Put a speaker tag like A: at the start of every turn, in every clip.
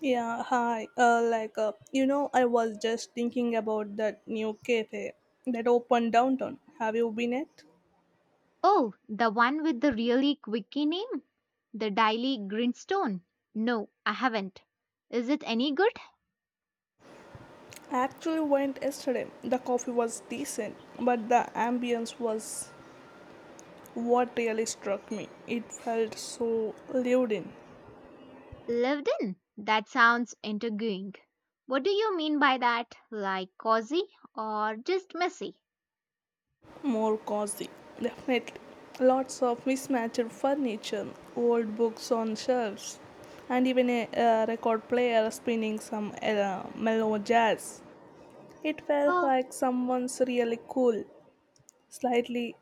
A: Yeah, hi. I was just thinking about that new cafe that opened downtown. Have you been it?
B: Oh, the one with the really quirky name? The Daily Grindstone? No, I haven't. Is it any good?
A: I actually went yesterday. The coffee was decent, but the ambience was what really struck me. It felt so lived in,
B: Lived in? That sounds intriguing. What do you mean by that? Like cozy or just messy?
A: more cozy. Definitely. Lots of mismatched furniture, old books on shelves, and even a record player spinning some mellow jazz. It felt
B: Oh,
A: like someone's really cool, slightly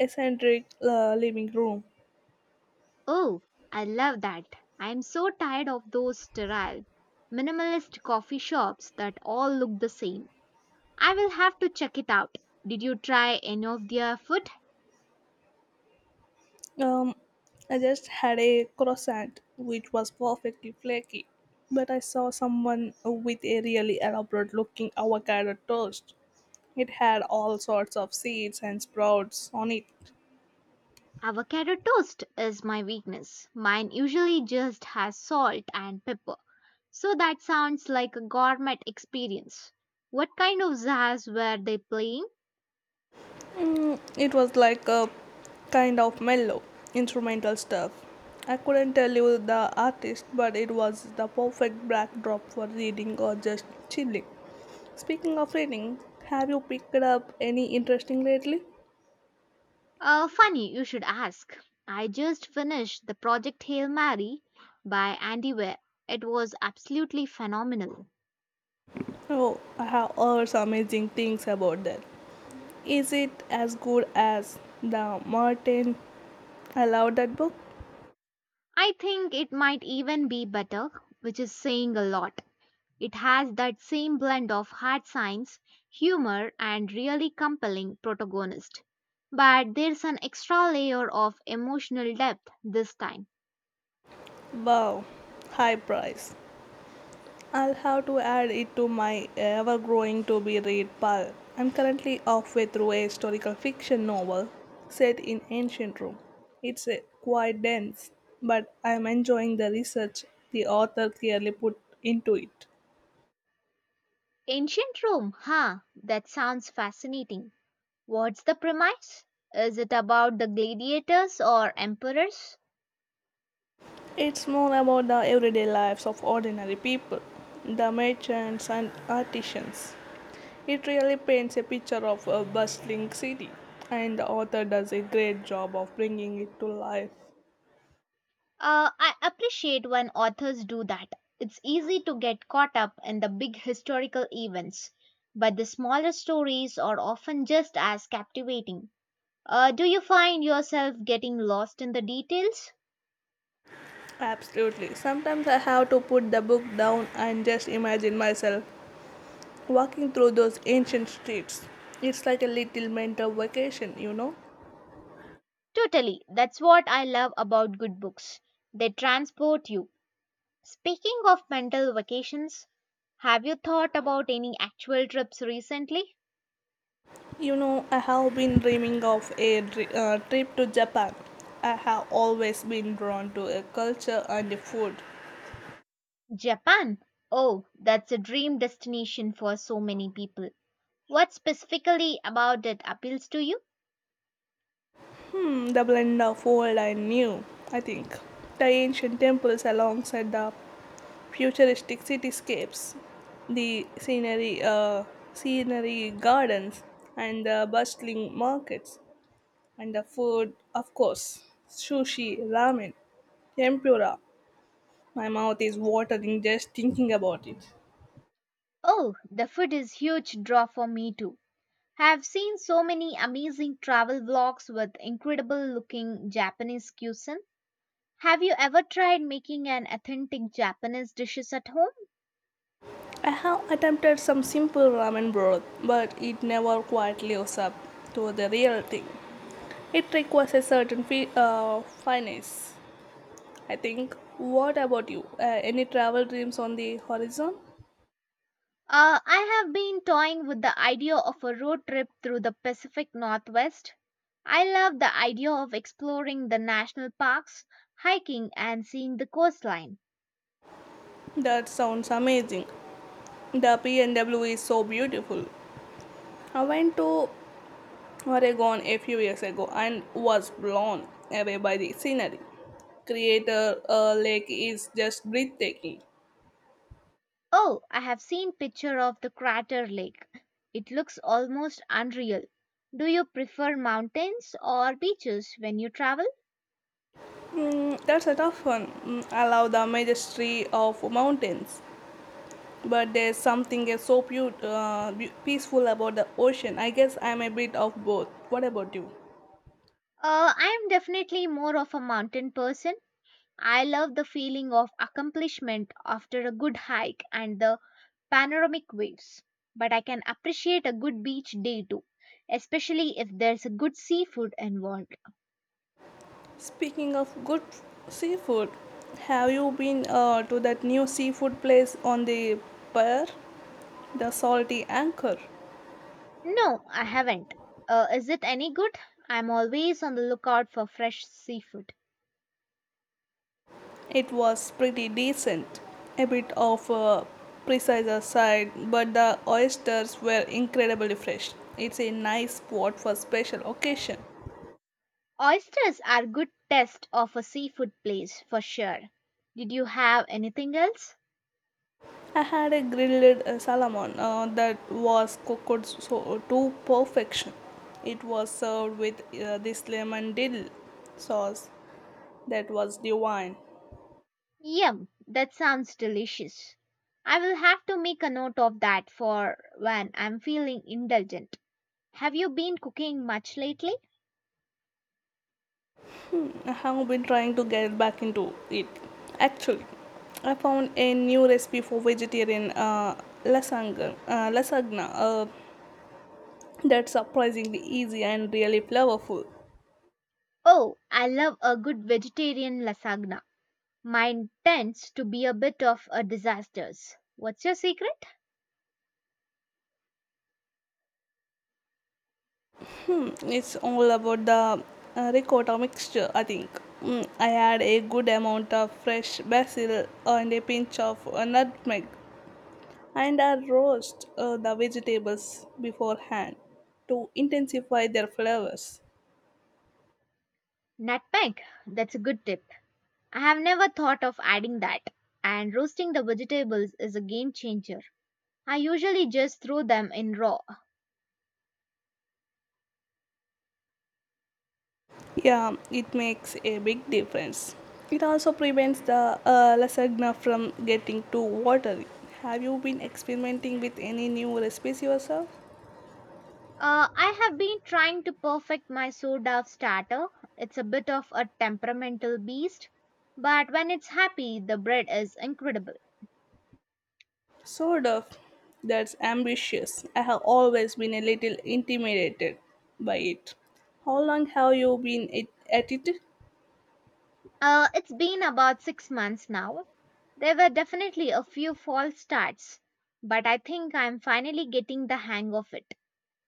A: eccentric living room.
B: oh, I love that. I'm so tired of those sterile, minimalist coffee shops that all look the same. I will have to check it out. Did you try any of their food?
A: Um, I just had a croissant, which was perfectly flaky, but I saw someone with a really elaborate looking avocado toast. It had all sorts of seeds and sprouts on it.
B: Avocado toast is my weakness. Mine usually just has salt and pepper. So that sounds like a gourmet experience. What kind of jazz were they playing?
A: It was like a kind of mellow, instrumental stuff. I couldn't tell you the artist, but it was the perfect backdrop for reading or just chilling. Speaking of reading, have you picked up any interesting lately?
B: Funny, you should ask. I just finished the Project Hail Mary by Andy Weir. It was absolutely phenomenal.
A: Oh, I have heard some amazing things about that. Is it as good as the Martin? I love that book.
B: I think it might even be better, which is saying a lot. It has that same blend of hard science, humor, and really compelling protagonist. But there's an extra layer of emotional depth this time.
A: Wow, high price. I'll have to add it to my ever-growing to-be-read pile. I'm currently halfway through a historical fiction novel set in ancient Rome. It's quite dense, but I'm enjoying the research the author clearly put into it.
B: Ancient Rome, huh? That sounds fascinating. What's the premise? Is it about the gladiators or emperors?
A: It's more about the everyday lives of ordinary people, the merchants and artisans. It really paints a picture of a bustling city, and the author does a great job of bringing it to life.
B: I appreciate when authors do that. It's easy to get caught up in the big historical events, but the smaller stories are often just as captivating. Do you find yourself getting lost in the details?
A: Absolutely. Sometimes I have to put the book down and just imagine myself walking through those ancient streets. It's like a little mental vacation, you know.
B: Totally. That's what I love about good books. They transport you. Speaking of mental vacations, have you thought about any actual trips recently?
A: You know, I have been dreaming of a trip to Japan. I have always been drawn to a culture and the food.
B: Japan. Oh, that's a dream destination for so many people. What specifically about it appeals to you?
A: Hmm, the blend of old and new, I think. The ancient temples alongside the futuristic cityscapes, the scenery gardens, and the bustling markets, and the food, of course, sushi, ramen, tempura. My mouth is watering just thinking about it.
B: Oh, the food is huge draw for me too. Have seen so many amazing travel vlogs with incredible looking Japanese cuisine. Have you ever tried making an authentic Japanese dishes at home?
A: I have attempted some simple ramen broth, but it never quite lives up to the real thing. It requires a certain finesse, I think. What about you? Any travel dreams on the horizon?
B: I have been toying with the idea of a road trip through the Pacific Northwest. I love the idea of exploring the national parks, hiking and seeing the coastline.
A: That sounds amazing. The PNW is so beautiful. I went to Oregon a few years ago and was blown away by the scenery. Creator Lake is just breathtaking.
B: Oh, I have seen picture of the crater lake. It looks almost unreal. Do you prefer mountains or beaches when you travel?
A: Mm, that's a tough one. Mm, I love the majesty of mountains, but there's something so peaceful about the ocean. I guess I'm a bit of both. What about you?
B: I am definitely more of a mountain person. I love the feeling of accomplishment after a good hike and the panoramic waves, but I can appreciate a good beach day too, especially if there's a good seafood involved.
A: Speaking of good seafood, have you been to that new seafood place on the pier, the Salty Anchor?
B: No, I haven't. Is it any good? I'm always on the lookout for fresh seafood.
A: It was pretty decent. A bit of a precise side, but the oysters were incredibly fresh. It's a nice spot for special occasion.
B: Oysters are good test of a seafood place for sure. Did you have anything else?
A: I had a grilled salmon that was cooked so, to perfection. It was served with this lemon dill sauce that was divine.
B: Yum, that sounds delicious. I will have to make a note of that for when I'm feeling indulgent. Have you been cooking much lately?
A: I have been trying to get back into it. Actually, I found a new recipe for vegetarian lasagna that's surprisingly easy and really flavorful.
B: Oh, I love a good vegetarian lasagna. Mine tends to be a bit of a disaster. What's your secret?
A: It's all about the ricotta mixture, I think. Mm, I add a good amount of fresh basil and a pinch of nutmeg, and I roast the vegetables beforehand to intensify their flavors.
B: Nutmeg. That's a good tip. I have never thought of adding that. And roasting the vegetables is a game changer. I usually just throw them in raw.
A: Yeah, it makes a big difference. It also prevents the lasagna from getting too watery. Have you been experimenting with any new recipes yourself?
B: I have been trying to perfect my soda starter. It's a bit of a temperamental beast, but when it's happy, the bread is incredible.
A: Sort of. That's ambitious. I have always been a little intimidated by it. How long have you been at it?
B: It's been about 6 months now. There were definitely a few false starts, but I think I'm finally getting the hang of it.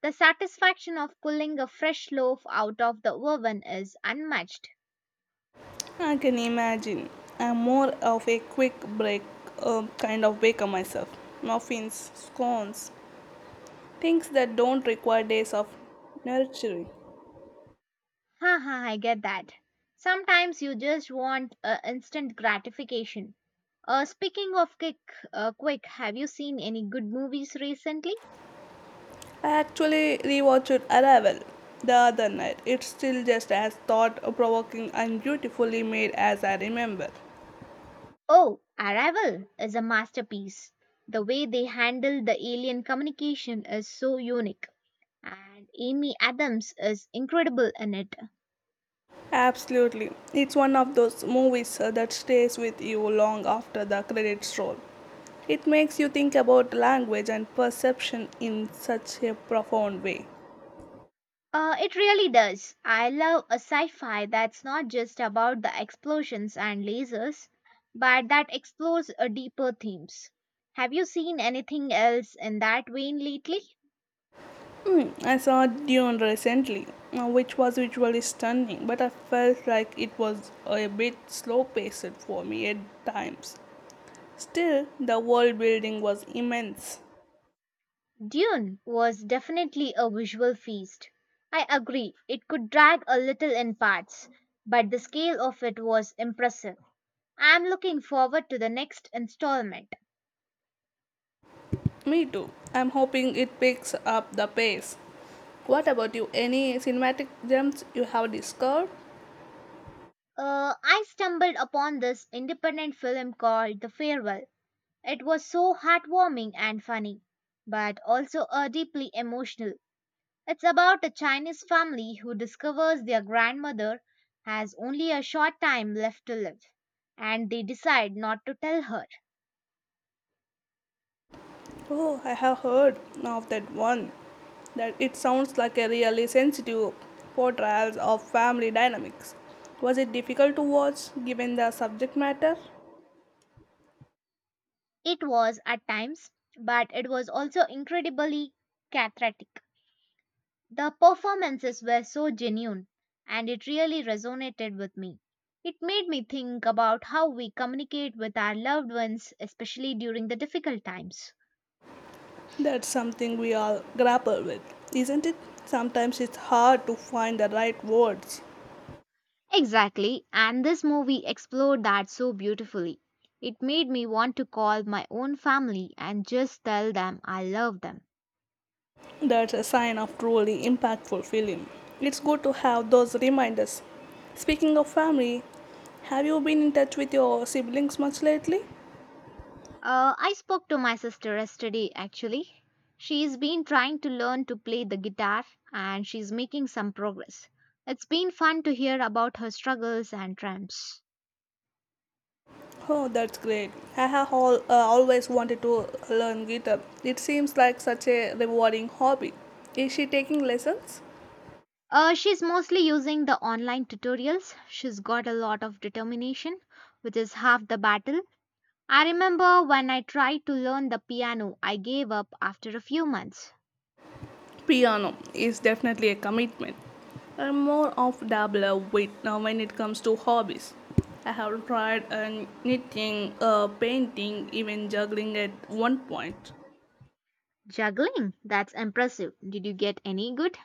B: The satisfaction of pulling a fresh loaf out of the oven is unmatched.
A: I can imagine. I'm more of a quick break kind of baker myself. Muffins, scones, things that don't require days of nurturing.
B: Haha, I get that. Sometimes you just want instant gratification. Speaking of quick, have you seen any good movies recently?
A: I actually rewatched Arrival the other night. It's still just as thought provoking and beautifully made as I remember.
B: Oh, Arrival is a masterpiece. The way they handle the alien communication is so unique, and Amy Adams is incredible in it.
A: Absolutely. It's one of those movies that stays with you long after the credits roll. It makes you think about language and perception in such a profound way.
B: It really does. I love a sci fi that's not just about the explosions and lasers, but that explores a deeper themes. Have you seen anything else in that vein lately?
A: I saw Dune recently, which was visually stunning, but I felt like it was a bit slow paced for me at times. Still, the world building was immense.
B: Dune was definitely a visual feast. I agree, it could drag a little in parts, but the scale of it was impressive. I'm looking forward to the next installment.
A: Me too. I'm hoping it picks up the pace. What about you? Any cinematic gems you have discovered?
B: I stumbled upon this independent film called The Farewell. It was so heartwarming and funny, but also deeply emotional. It's about a Chinese family who discovers their grandmother has only a short time left to live, and they decide not to tell her.
A: Oh, I have heard of that one. That it sounds like a really sensitive portrayal of family dynamics. Was it difficult to watch given the subject matter?
B: It was at times, but it was also incredibly cathartic. The performances were so genuine, and it really resonated with me. It made me think about how we communicate with our loved ones, especially during the difficult times.
A: That's something we all grapple with, isn't it? Sometimes it's hard to find the right words.
B: Exactly, and this movie explored that so beautifully. It made me want to call my own family and just tell them I love them.
A: That's a sign of truly impactful film. It's good to have those reminders. Speaking of family, have you been in touch with your siblings much lately?
B: I spoke to my sister yesterday actually. She's been trying to learn to play the guitar and she's making some progress. It's been fun to hear about her struggles and triumphs.
A: Oh, that's great. I have always wanted to learn guitar. It seems like such a rewarding hobby. Is she taking lessons?
B: She's mostly using the online tutorials. She's got a lot of determination, which is half the battle. I remember when I tried to learn the piano, I gave up after a few months.
A: Piano is definitely a commitment. I'm more of dabbler with now when it comes to hobbies. I have tried knitting, painting, even juggling at one point.
B: Juggling, that's impressive. Did you get any good?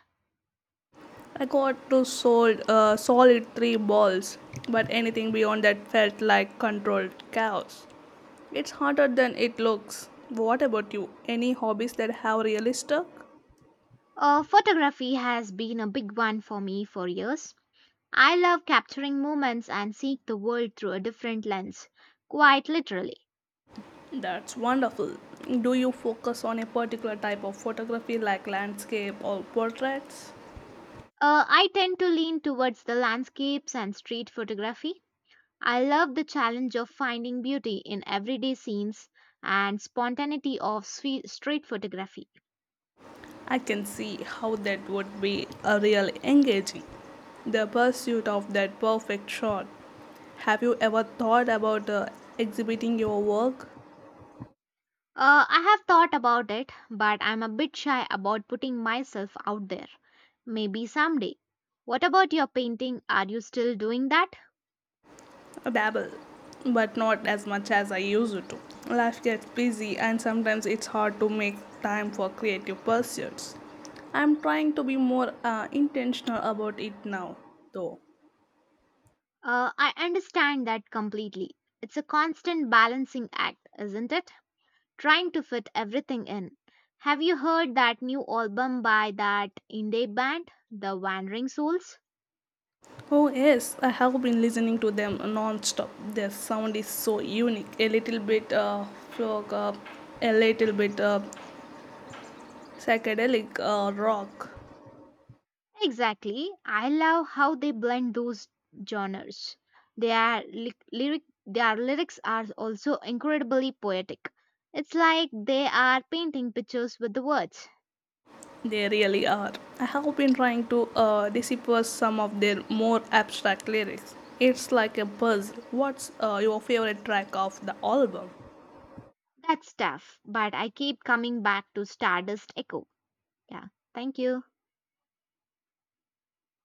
A: I got to sold solid three balls, but anything beyond that felt like controlled chaos. It's harder than it looks. What about you? Any hobbies that have really stuck?
B: Photography has been a big one for me for years. I love capturing moments and seeing the world through a different lens, quite literally.
A: That's wonderful. Do you focus on a particular type of photography like landscape or portraits?
B: I tend to lean towards the landscapes and street photography. I love the challenge of finding beauty in everyday scenes and spontaneity of street photography.
A: I can see how that would be a real engaging. The pursuit of that perfect shot. Have you ever thought about exhibiting your work?
B: I have thought about it, but I'm a bit shy about putting myself out there. Maybe someday. What about your painting? Are you still doing that?
A: A Dabble, but not as much as I used to. Life gets busy and sometimes it's hard to make time for creative pursuits. I'm trying to be more intentional about it now, though.
B: I understand that completely. It's a constant balancing act, isn't it? Trying to fit everything in. Have you heard that new album by that indie band, The Wandering Souls?
A: Oh, yes, I have been listening to them non-stop. Their sound is so unique, a little bit folk, a little bit psychedelic rock.
B: Exactly. I love how they blend those genres. Their lyrics are also incredibly poetic. It's like they are painting pictures with the words.
A: They really are. I have been trying to decipher some of their more abstract lyrics. It's like a puzzle. What's your favorite track of the album?
B: That's tough, but I keep coming back to Stardust Echo. Yeah. Thank you.